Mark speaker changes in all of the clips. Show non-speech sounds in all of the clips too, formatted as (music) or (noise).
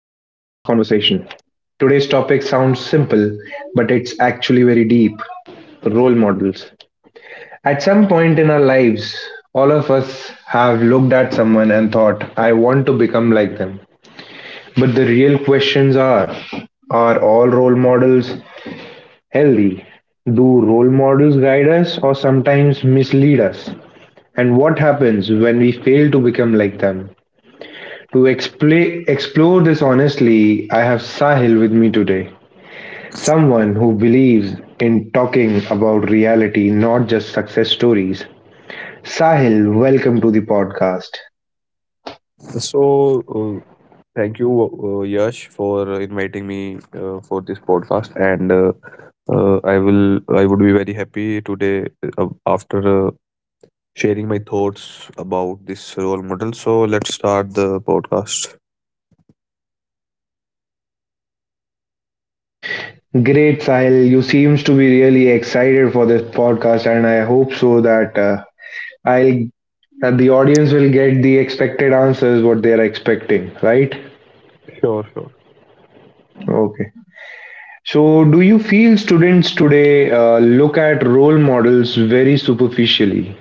Speaker 1: conversation. Today's topic sounds simple, but it's actually very deep, role models. At some point in our lives, all of us have looked at someone and thought, I want to become like them. But the real questions are all role models healthy? Do role models guide us or sometimes mislead us? And what happens when we fail to become like them? To explore this honestly, I have Sahil with me today, someone who believes in talking about reality, not just success stories. Sahil, welcome to the podcast.
Speaker 2: So, uh, thank you, Yash, for inviting me for this podcast, and I would be very happy today after sharing my thoughts about this role model. So let's start the podcast.
Speaker 1: Great, Sahil. You seems to be really excited for this podcast, and I hope so that I'll, that the audience will get the expected answers what they are expecting, right?
Speaker 2: Sure, sure.
Speaker 1: Okay. So, do you feel students today look at role models very superficially?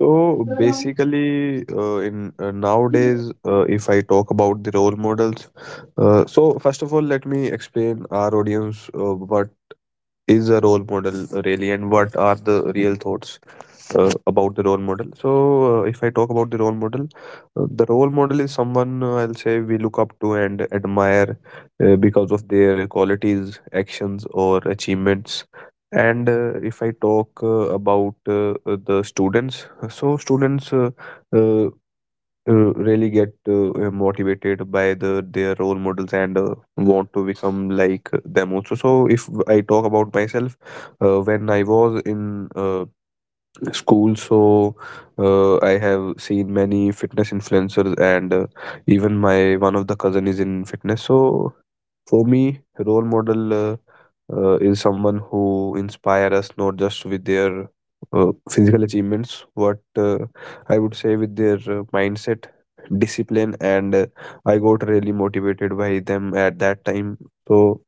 Speaker 2: So basically, in Nowadays, if I talk about the role models, so first of all, let me explain our audience what is a role model really, and what are the real thoughts about the role model. So if I talk about the role model, the role model is someone, I'll say, we look up to and admire because of their qualities, actions, or achievements. And if I talk about the students, so students uh, really get motivated by their role models, and want to become like them also. So if I talk about myself, when I was in school, I have seen many fitness influencers, and even my one of the cousin is in fitness. So for me, role model is someone who inspire us, not just with their physical achievements, but I would say with their mindset, discipline, and I got really motivated by them at that time. So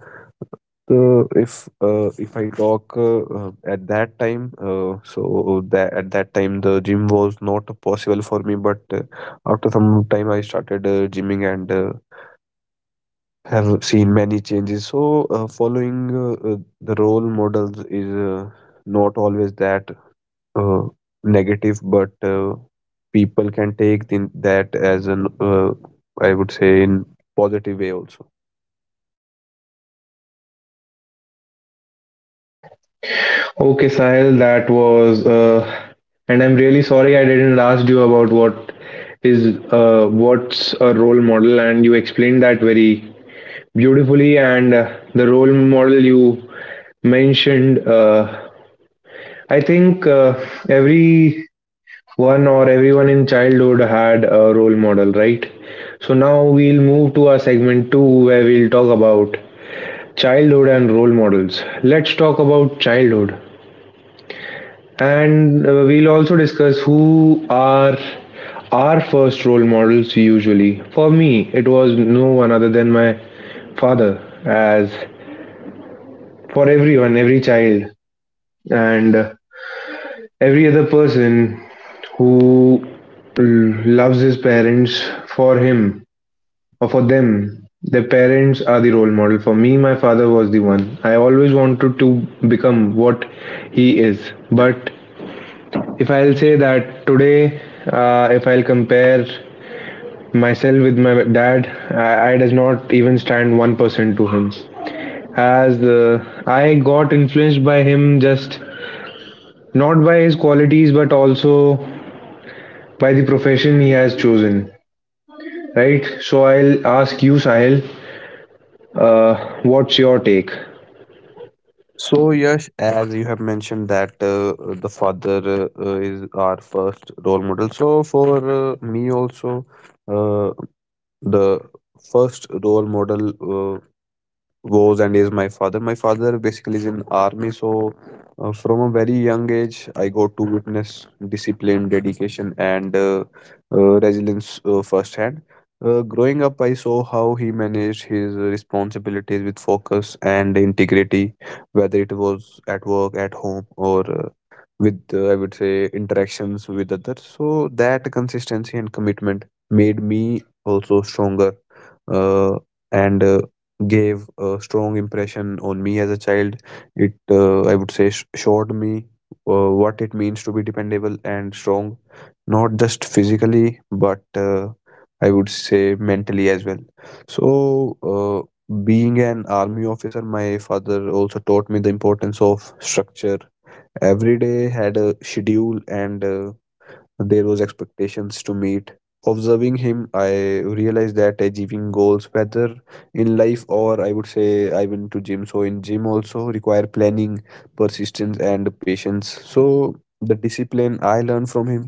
Speaker 2: so if I talk at that time, so that at that time the gym was not possible for me. But after some time, I started gymming, and have seen many changes. So, following the role models is not always that uh, negative, but people can take in that as an I would say in positive way also.
Speaker 1: Okay, Sahil, that was, and I'm really sorry I didn't ask you about what is what's a role model, and you explained that very beautifully. And the role model you mentioned, I think every one or everyone in childhood had a role model, right? So now we'll move to our segment two, where we'll talk about childhood and role models. Let's talk about childhood. And we'll also discuss who are our first role models usually. For me, it was no one other than my father, as for everyone, every child, and every other person who l- loves his parents, for him or for them. Their parents are the role model. For me, my father was the one. I always wanted to become what he is, but if I'll say that today, if I'll compare myself with my dad, I does not even stand 1% to him. As I got influenced by him, just not by his qualities, but also by the profession he has chosen. Right. So I'll ask you, Sahil. What's your take?
Speaker 2: So, Yash, as you have mentioned that the father is our first role model. So, for me also, uh, the first role model was and is my father. My father basically is in army, so from a very young age, I got to witness discipline, dedication, and resilience firsthand. Growing up, I saw how he managed his responsibilities with focus and integrity, whether it was at work, at home, or with I would say interactions with others. So that consistency and commitment made me also stronger, uh, and gave a strong impression on me as a child. It, I would say, showed me what it means to be dependable and strong, not just physically, but I would say mentally as well. So, being an army officer, my father also taught me the importance of structure. Every day had a schedule, and there was expectations to meet. Observing him, I realized that achieving goals, whether in life or, I would say, I went to gym, so in gym also, require planning, persistence, and patience. So the discipline I learned from him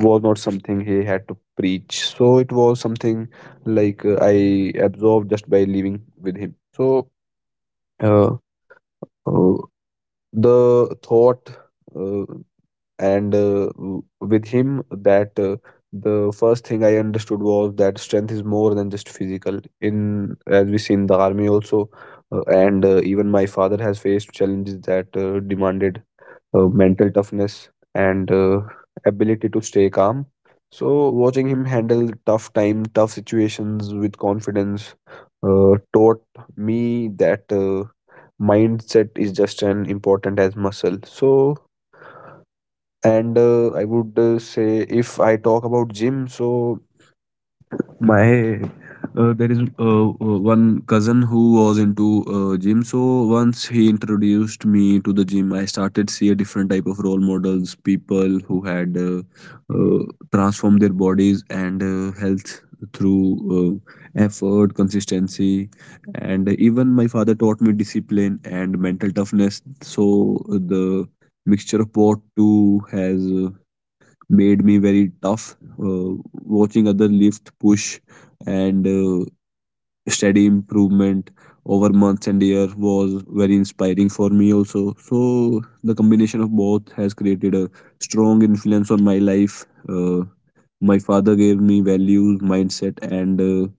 Speaker 2: was not something he had to preach. So it was something like, I absorbed just by living with him. So uh, uh, the thought uh, and with him that the first thing I understood was that strength is more than just physical, in as we see in the army also. And even my father has faced challenges that demanded mental toughness and ability to stay calm. So watching him handle tough situations with confidence taught me that mindset is just as important as muscle. So and uh, I would say, if I talk about gym, so my, there is one cousin who was into gym. So once he introduced me to the gym, I started see a different type of role models, people who had uh, transformed their bodies and health through effort, consistency, and even my father taught me discipline and mental toughness. So the mixture of both two has made me very tough. Watching other lift, push, and steady improvement over months and year was very inspiring for me also. So the combination of both has created a strong influence on my life. My father gave me values, mindset, and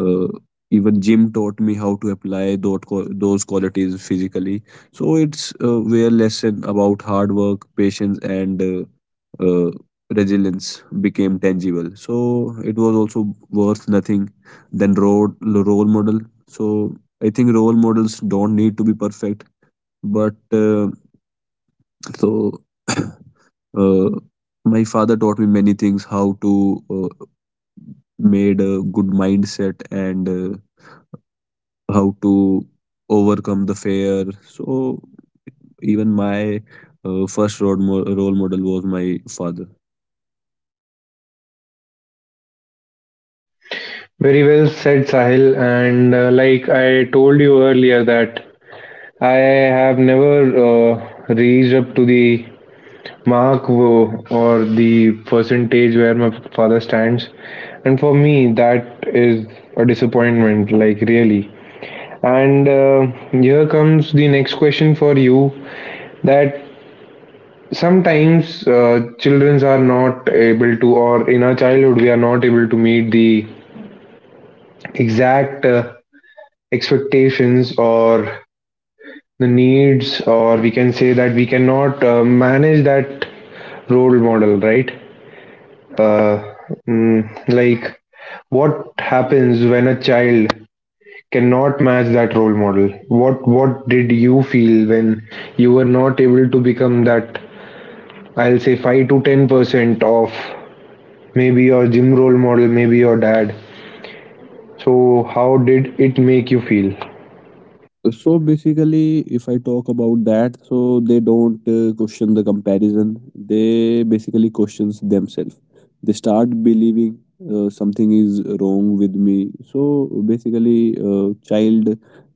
Speaker 2: uh, even gym taught me how to apply those qualities physically. So it's where lesson about hard work, patience, and resilience became tangible. So it was also worth nothing than road role model. So I think role models don't need to be perfect, but so (coughs) (clears throat) uh, my father taught me many things, how to made a good mindset, and how to overcome the fear. So even my first role model was my father.
Speaker 1: Very well said, Sahil. And like I told you earlier, that I have never reached up to the mark, wo or the percentage where my father stands, and for me that is a disappointment, like really. And here comes the next question for you, that sometimes children are not able to, or in our childhood we are not able to meet the exact expectations or the needs, or we can say that we cannot manage that role model, right? Uh, mm, like what happens when a child cannot match that role model? What did you feel when you were not able to become that, I'll say, 5 to 10% of maybe your gym role model, maybe your dad. So how did it make you feel?
Speaker 2: So basically, if I talk about that, so they don't question the comparison. They basically questions themselves. They start believing something is wrong with me. So basically, uh, child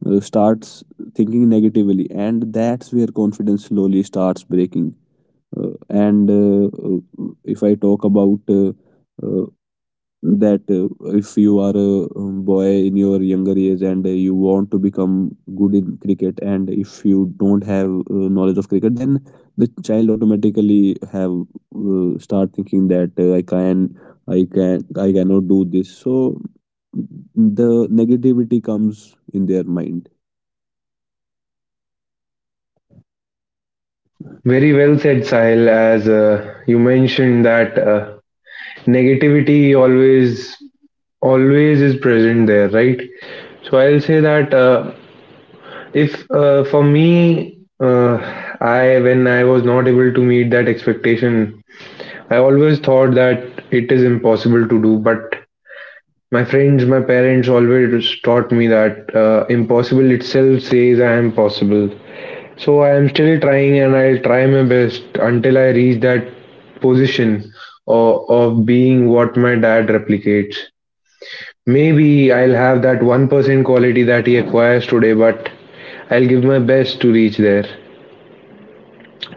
Speaker 2: uh, starts thinking negatively, and that's where confidence slowly starts breaking. And if I talk about uh, that, if you are a boy in your younger age, and you want to become good in cricket, and if you don't have knowledge of cricket, then the child automatically have start thinking that uh, I cannot do this. So the negativity comes in their mind.
Speaker 1: Very well said, Sahil. As you mentioned that negativity always is present there, right? So I'll say that if for me, I, when I was not able to meet that expectation, I always thought that it is impossible to do. But my friends, my parents always taught me that impossible itself says I am possible. So I am still trying, and I'll try my best until I reach that position of being what my dad replicates. Maybe I'll have that 1% quality that he acquires today, but I'll give my best to reach there.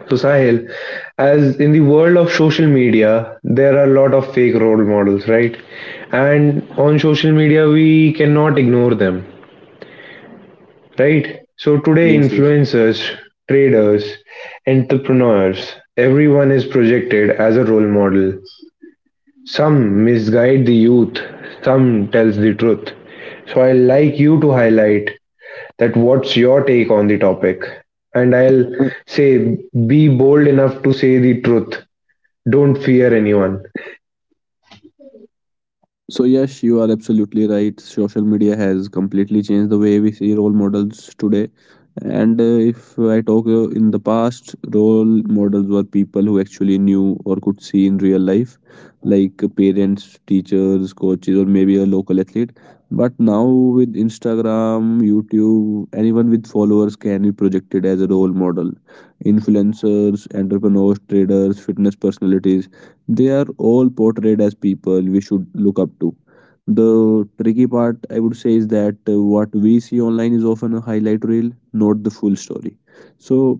Speaker 1: So, Sahil, as in the world of social media, there are a lot of fake role models, right? And on social media, we cannot ignore them, right? So today,
Speaker 2: Yes, yes.
Speaker 1: influencers, traders, entrepreneurs, everyone is projected as a role model. Some misguide the youth, some tells the truth. So I'd like you to highlight that, what's your take on the topic? And I'll say, be bold enough to say the truth. Don't fear anyone.
Speaker 2: So yes, you are absolutely right. Social media has completely changed the way we see role models today. And if I talk in the past, role models were people who actually knew or could see in real life, like parents, teachers, coaches, or maybe a local athlete. But now with Instagram, YouTube, anyone with followers can be projected as a role model. Influencers, entrepreneurs, traders, fitness personalities, they are all portrayed as people we should look up to. The tricky part, I would say, is that what we see online is often a highlight reel, not the full story. So,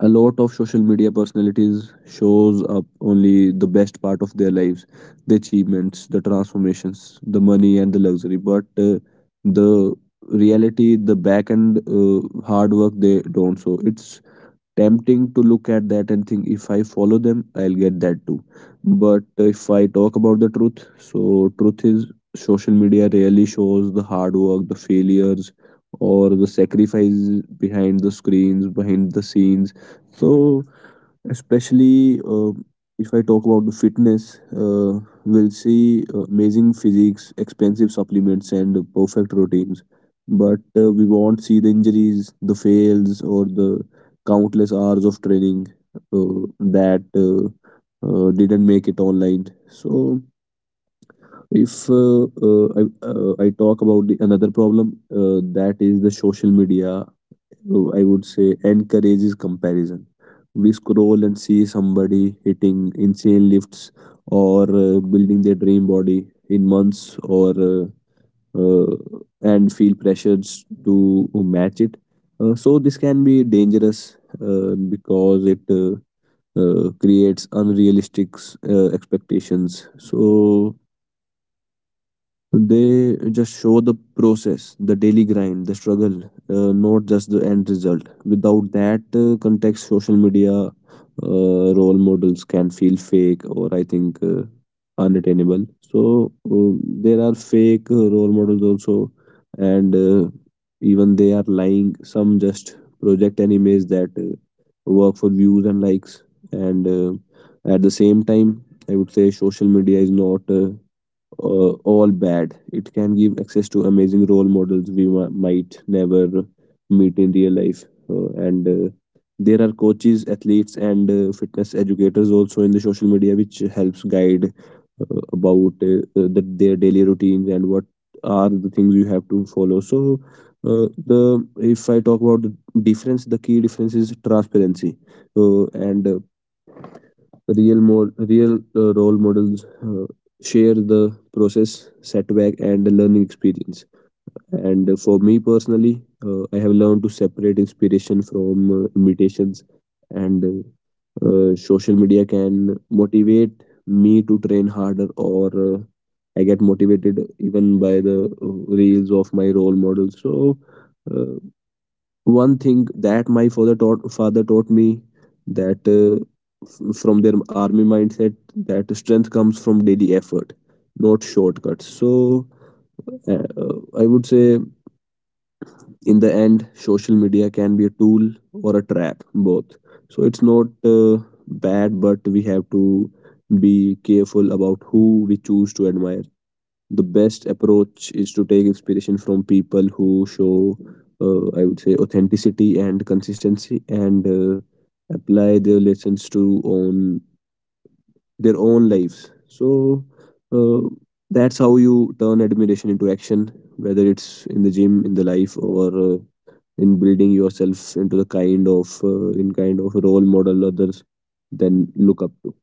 Speaker 2: a lot of social media personalities shows up only the best part of their lives, the achievements, the transformations, the money, and the luxury. But the reality, the back end hard work, they don't. So, it's tempting to look at that and think, if I follow them, I'll get that too. But if I talk about the truth, so truth is, social media really shows the hard work, the failures, or the sacrifices behind the screens, behind the scenes. So especially if I talk about the fitness, we'll see amazing physiques, expensive supplements, and perfect routines. But we won't see the injuries, the fails, or the countless hours of training uh, that didn't make it online. So, if I, I talk about another problem, that is the social media, I would say encourages comparison. We scroll and see somebody hitting insane lifts or building their dream body in months, or uh, and feel pressures to match it. So this can be dangerous because it creates unrealistic expectations. So they just show the process, the daily grind, the struggle, not just the end result. Without that context, social media role models can feel fake or, I think, unattainable. So there are fake role models also, and even they are lying. Some just project an image that work for views and likes, and at the same time, I would say social media is not. All bad. It can give access to amazing role models we might never meet in real life. And there are coaches, athletes, and fitness educators also in the social media, which helps guide about their daily routines and what are the things you have to follow. So, the if I talk about the difference, the key difference is transparency, and real more real role models share the process, setback, and the learning experience. And for me personally, I have learned to separate inspiration from imitations, and social media can motivate me to train harder, or I get motivated even by the reels of my role models. So. Uh, One thing that my father taught me that from their army mindset, that strength comes from daily effort, not shortcuts. So uh, uh, I would say, in the end, social media can be a tool or a trap, both. So it's not bad, but we have to be careful about who we choose to admire. The best approach is to take inspiration from people who show I would say, authenticity and consistency, and apply their lessons to on their own lives. So uh, that's how you turn admiration into action, whether it's in the gym, in the life, or in building yourself into the kind of in kind of role model others then look up to.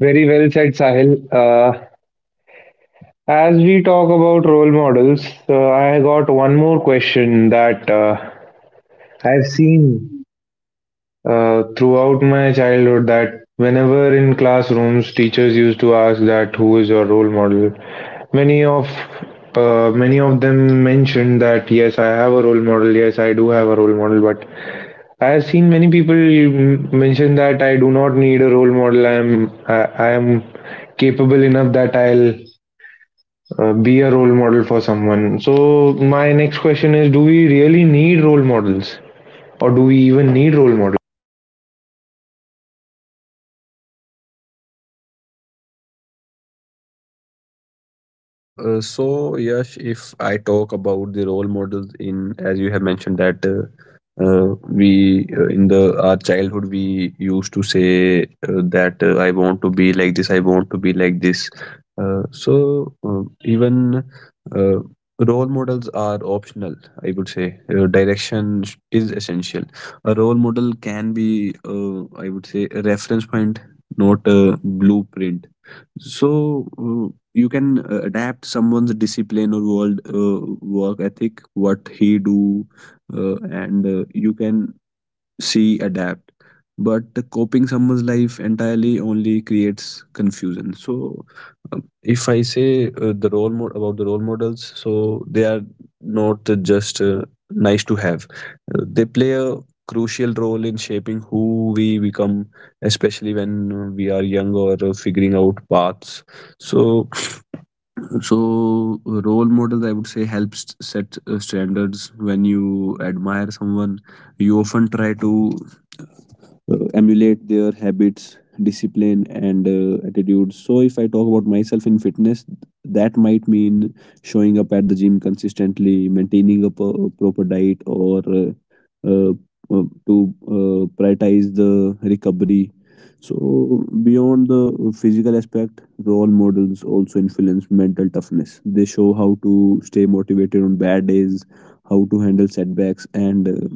Speaker 1: Very well said, Sahil. As we talk about role models, I got one more question, that I've seen throughout my childhood, that whenever in classrooms teachers used to ask that who is your role model, many of many of them mentioned that yes, I have a role model. Yes, I do have a role model. But I have seen many people mention that I do not need a role model. I am, I am capable enough that I'll be a role model for someone. So my next question is: do we really need role models, or do we even need role models?
Speaker 2: So, Yash, if I talk about the role models in, as you have mentioned that we in the our childhood we used to say that I want to be like this, I want to be like this. So even uh, role models are optional. I would say direction is essential. A role model can be, I would say, a reference point, not a blueprint. So you can adapt someone's discipline or world work ethic, what he do, and you can C adapt. But copying someone's life entirely only creates confusion. So, if I say the about the role models, so they are not just nice to have. They play a crucial role in shaping who we become, especially when we are young or figuring out paths. So, so role models, I would say, helps set standards. When you admire someone, you often try to emulate their habits, discipline, and attitudes. So if I talk about myself in fitness, that might mean showing up at the gym consistently, maintaining a proper diet, or uh, to prioritize the recovery. So beyond the physical aspect, role models also influence mental toughness. They show how to stay motivated on bad days, how to handle setbacks, and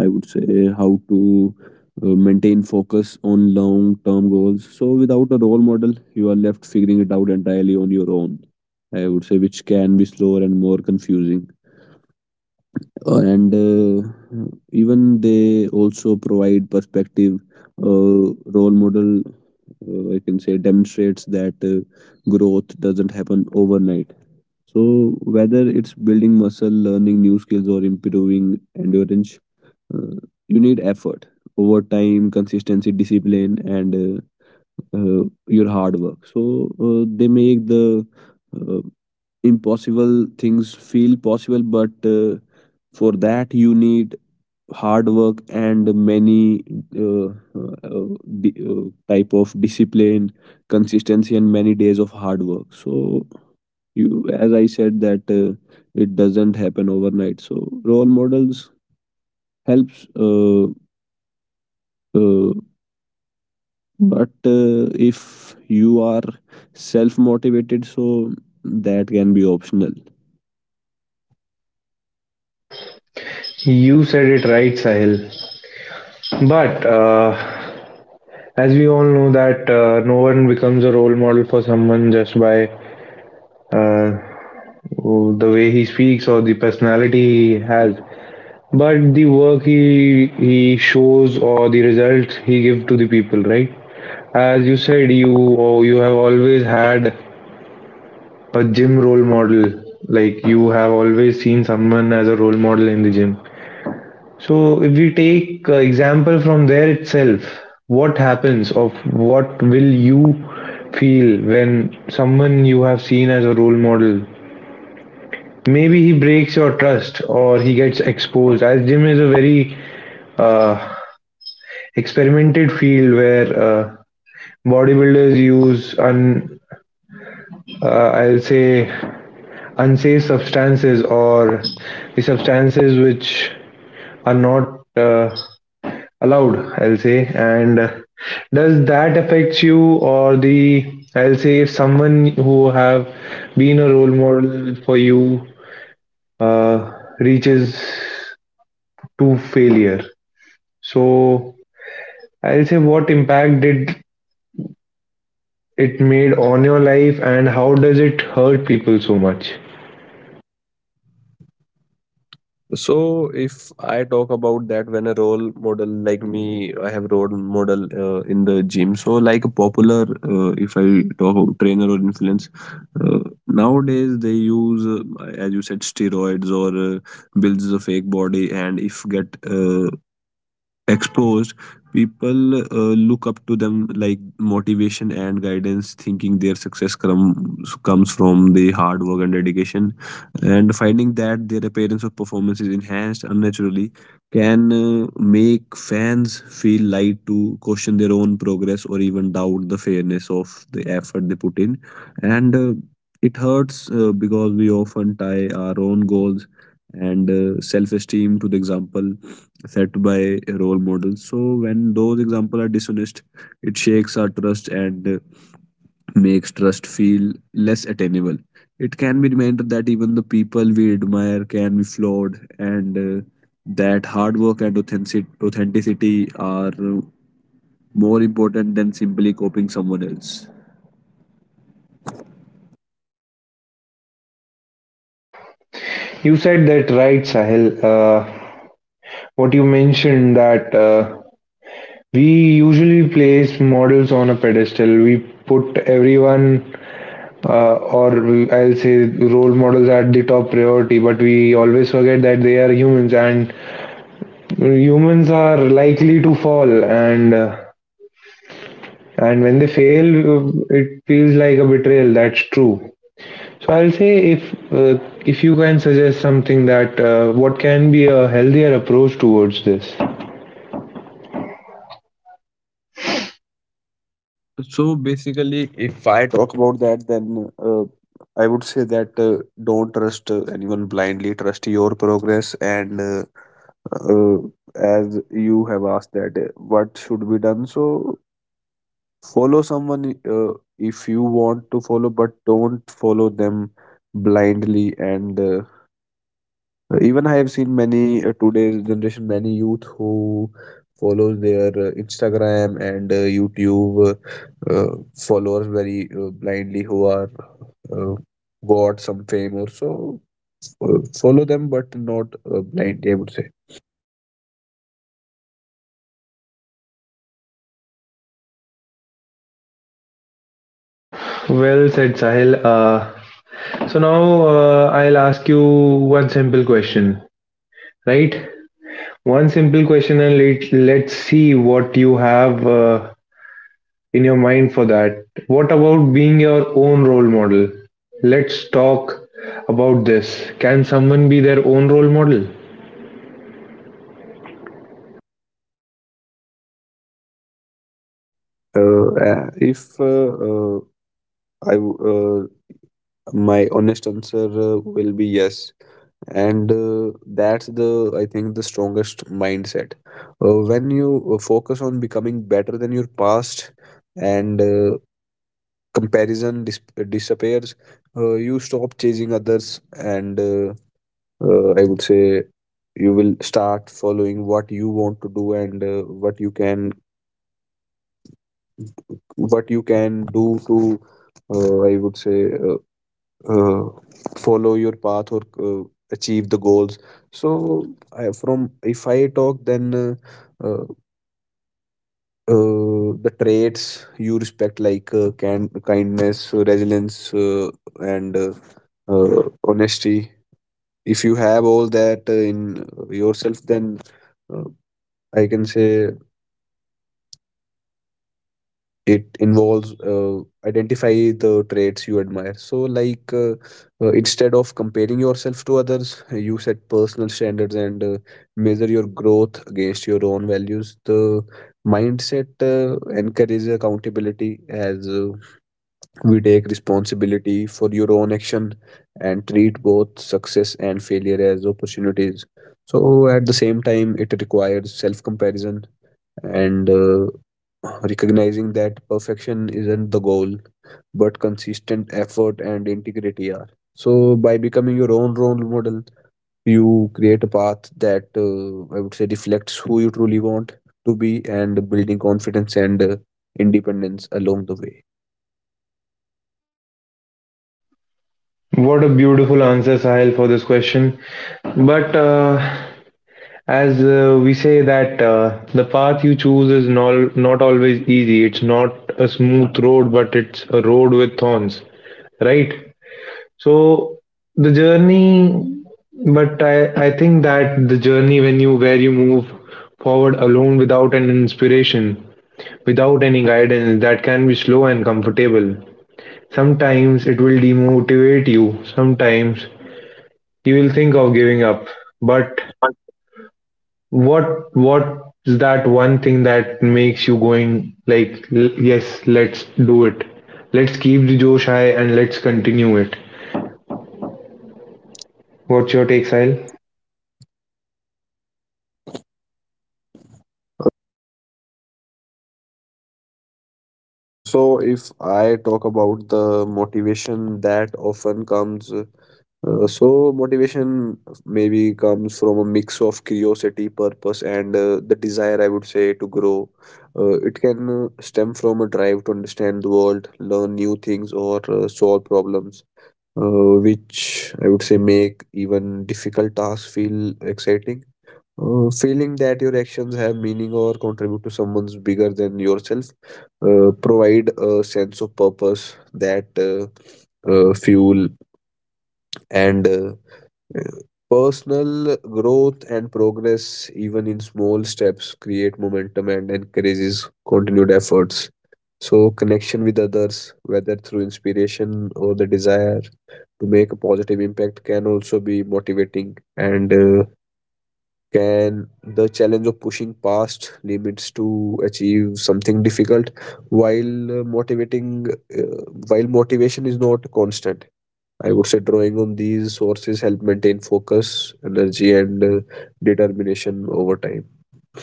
Speaker 2: I would say, how to maintain focus on long term goals. So, without a role model, you are left figuring it out entirely on your own, I would say, which can be slower and more confusing. And Even they also provide perspective. Role model, I can say, demonstrates that growth doesn't happen overnight. So whether it's building muscle, learning new skills, or improving endurance, uh, you need effort over time, consistency, discipline, and your hard work. So they make the uh, impossible things feel possible. But for that you need hard work and many uh, uh, type of discipline, consistency, and many days of hard work. So, you, as I said that it doesn't happen overnight. So role models helps, uh, but if you are self motivated, so that can be optional.
Speaker 1: You said it right, Sahil. But as we all know that no one becomes a role model for someone just by uh, the way he speaks or the personality he has, but the work he shows or the results he give to the people, right? As you said, you, or you have always had a gym role model. Like, you have always seen someone as a role model in the gym. So if we take example from there itself, what happens, of what will you feel when someone you have seen as a role model, maybe he breaks your trust or he gets exposed? As gym is a very uh, experimented field, where bodybuilders use un uh, I'll say unsafe substances, or the substances which are not allowed, I'll say. And does that affect you? Or the, I'll say, if someone who have been a role model for you uh, reaches to failure, so I'll say, what impact did it made on your life and how does it hurt people so much?
Speaker 2: So if I talk about that, when a role model like me, I have role model in the gym. So like a popular, if I talk about trainer or influence, uh, nowadays they use as you said, steroids or builds a fake body, and if get exposed, people look up to them like motivation and guidance, thinking their comes from the hard work and dedication, and finding that their appearance of performance is enhanced unnaturally can make fans feel light to question their own progress or even doubt the fairness of the effort they put in. And it hurts because we often tie our own goals and self-esteem to the example set by role models. So when those examples are dishonest, it shakes our trust and makes trust feel less attainable. It can be reminded that even the people we admire can be flawed, and that hard work and authenticity are more important than simply copying someone else.
Speaker 1: You said that right, Sahil. What you mentioned, that we usually place models on a pedestal. We put everyone, or I'll say, role models at the top priority, but we always forget that they are humans, and humans are likely to fall. And and when they fail, it feels like a betrayal. That's true. So I'll say, uh, if you can suggest something, that what can be a healthier approach towards this.
Speaker 2: So basically, if I talk about that, then I would say that don't trust anyone blindly, trust your progress. And uh, as you have asked that, what should be done? So follow someone if you want to follow, but don't follow them blindly. And Even I have seen many today's generation, many youth who follows their Instagram and YouTube uh, followers very blindly, who are uh, got some fame or so. Follow them, but not blindly, I would say.
Speaker 1: Well said, Sahil. So now I'll ask you one simple question, right? One simple question, and let's see what you have in your mind for that. What about being your own role model? Let's talk about this. Can someone be their own role model?
Speaker 2: If I my honest answer will be yes. And that's the, I think, the strongest mindset. When you focus on becoming better than your past, and comparison disappears, you stop chasing others, and I would say, you will start following what you want to do, and what you can, what you can do to I would say, uh, follow your path or achieve the goals. So, I, from if I talk, then uh, the traits you respect, like can kindness, resilience, and honesty, if you have all that in yourself, then uh, I can say, it involves identify the traits you admire. So like, instead of comparing yourself to others, you set personal standards and measure your growth against your own values. The mindset encourages accountability, as we take responsibility for your own action and treat both success and failure as opportunities. So at the same time, it requires self comparison and recognizing that perfection isn't the goal, but consistent effort and integrity are. So by becoming your own role model, you create a path that I would say reflects who you truly want to be, and building confidence and independence along the way.
Speaker 1: What a beautiful answer, Sahil, for this question. But as we say that the path you choose is not always easy. It's not a smooth road, but it's a road with thorns, right? So the journey, but I think that the journey, when you, where you move forward alone without an inspiration, without any guidance, that can be slow and comfortable. Sometimes it will demotivate you. Sometimes you'll think of giving up, but what what's that one thing that makes you going, like, yes, let's do it. Let's keep the Josh high and let's continue it." What's your take, Sahil?
Speaker 2: Uh, so if I talk about the motivation that often comes So motivation maybe comes from a mix of curiosity, purpose, and the desire, I would say, to grow. It can stem from a drive to understand the world, learn new things, or solve problems, which I would say make even difficult tasks feel exciting. Feeling that your actions have meaning or contribute to someone's bigger than yourself provide a sense of purpose that fuel. And personal growth and progress, even in small steps, create momentum and encourages continued efforts. So, connection with others, whether through inspiration or the desire to make a positive impact, can also be motivating. And can the challenge of pushing past limits to achieve something difficult, while motivating uh, while motivation is not constant, I would say, drawing on these sources help maintain focus, energy, and determination over time. Uh,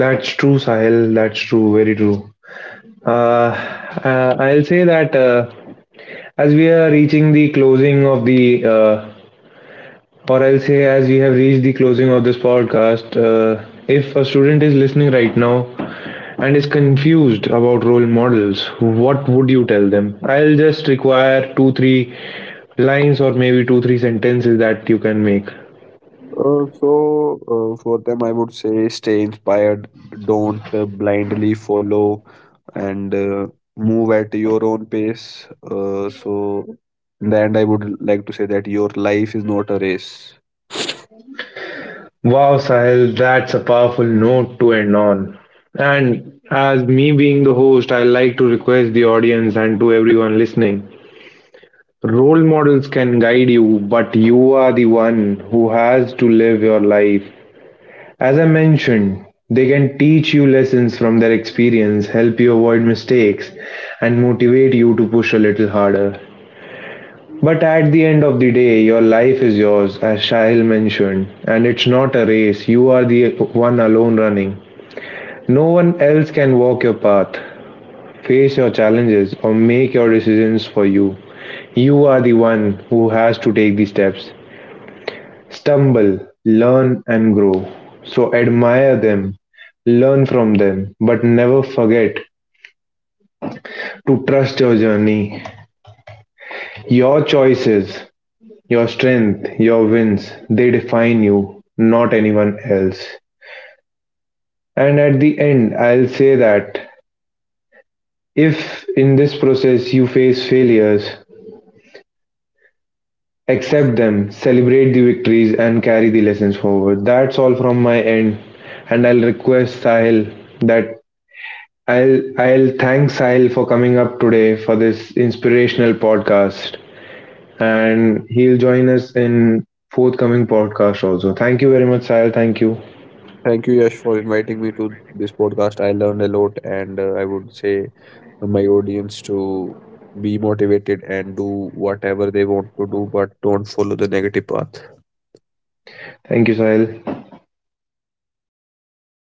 Speaker 1: That's true, Sahil. That's true. Very true. Uh, I'll say that as we are reaching the closing of the uh, or I'll say, as we have reached the closing of this podcast, if a student is listening right now and is confused about role models, what would you tell them? I'll just require two, three lines, or maybe two, three sentences that you can make.
Speaker 2: so, for them, I would say, stay inspired, don't blindly follow, and move at your own pace. So, in the end, I would like to say that your life is not a race.
Speaker 1: Wow, Sahil, that's a powerful note to end on. And as me being the host, I like to request the audience and to everyone listening, role models can guide you, but you are the one who has to live your life. As I mentioned, they can teach you lessons from their experience, help you avoid mistakes, and motivate you to push a little harder. But at the end of the day, your life is yours, as Shail mentioned, and it's not a race. You are the one alone running. No one else can walk your path, face your challenges, or make your decisions for you. You are the one who has to take the steps. Stumble, learn, and grow. So admire them, learn from them, but never forget to trust your journey. Your choices, your strength, your wins, they define you, not anyone else. And at the end, I'll say that if in this process you face failures, accept them, celebrate the victories, and carry the lessons forward. That's all from my end. And I'll request Sahil that I'll thank Sahil for coming up today for this inspirational podcast, and he'll join us in forthcoming podcast also. Thank you very much, Sahil. Thank you.
Speaker 2: Thank you, Yash, for inviting me to this podcast. I learned a lot, and I would say my audience to be motivated and do whatever they want to do, but don't follow the negative path.
Speaker 1: Thank you, Sahil.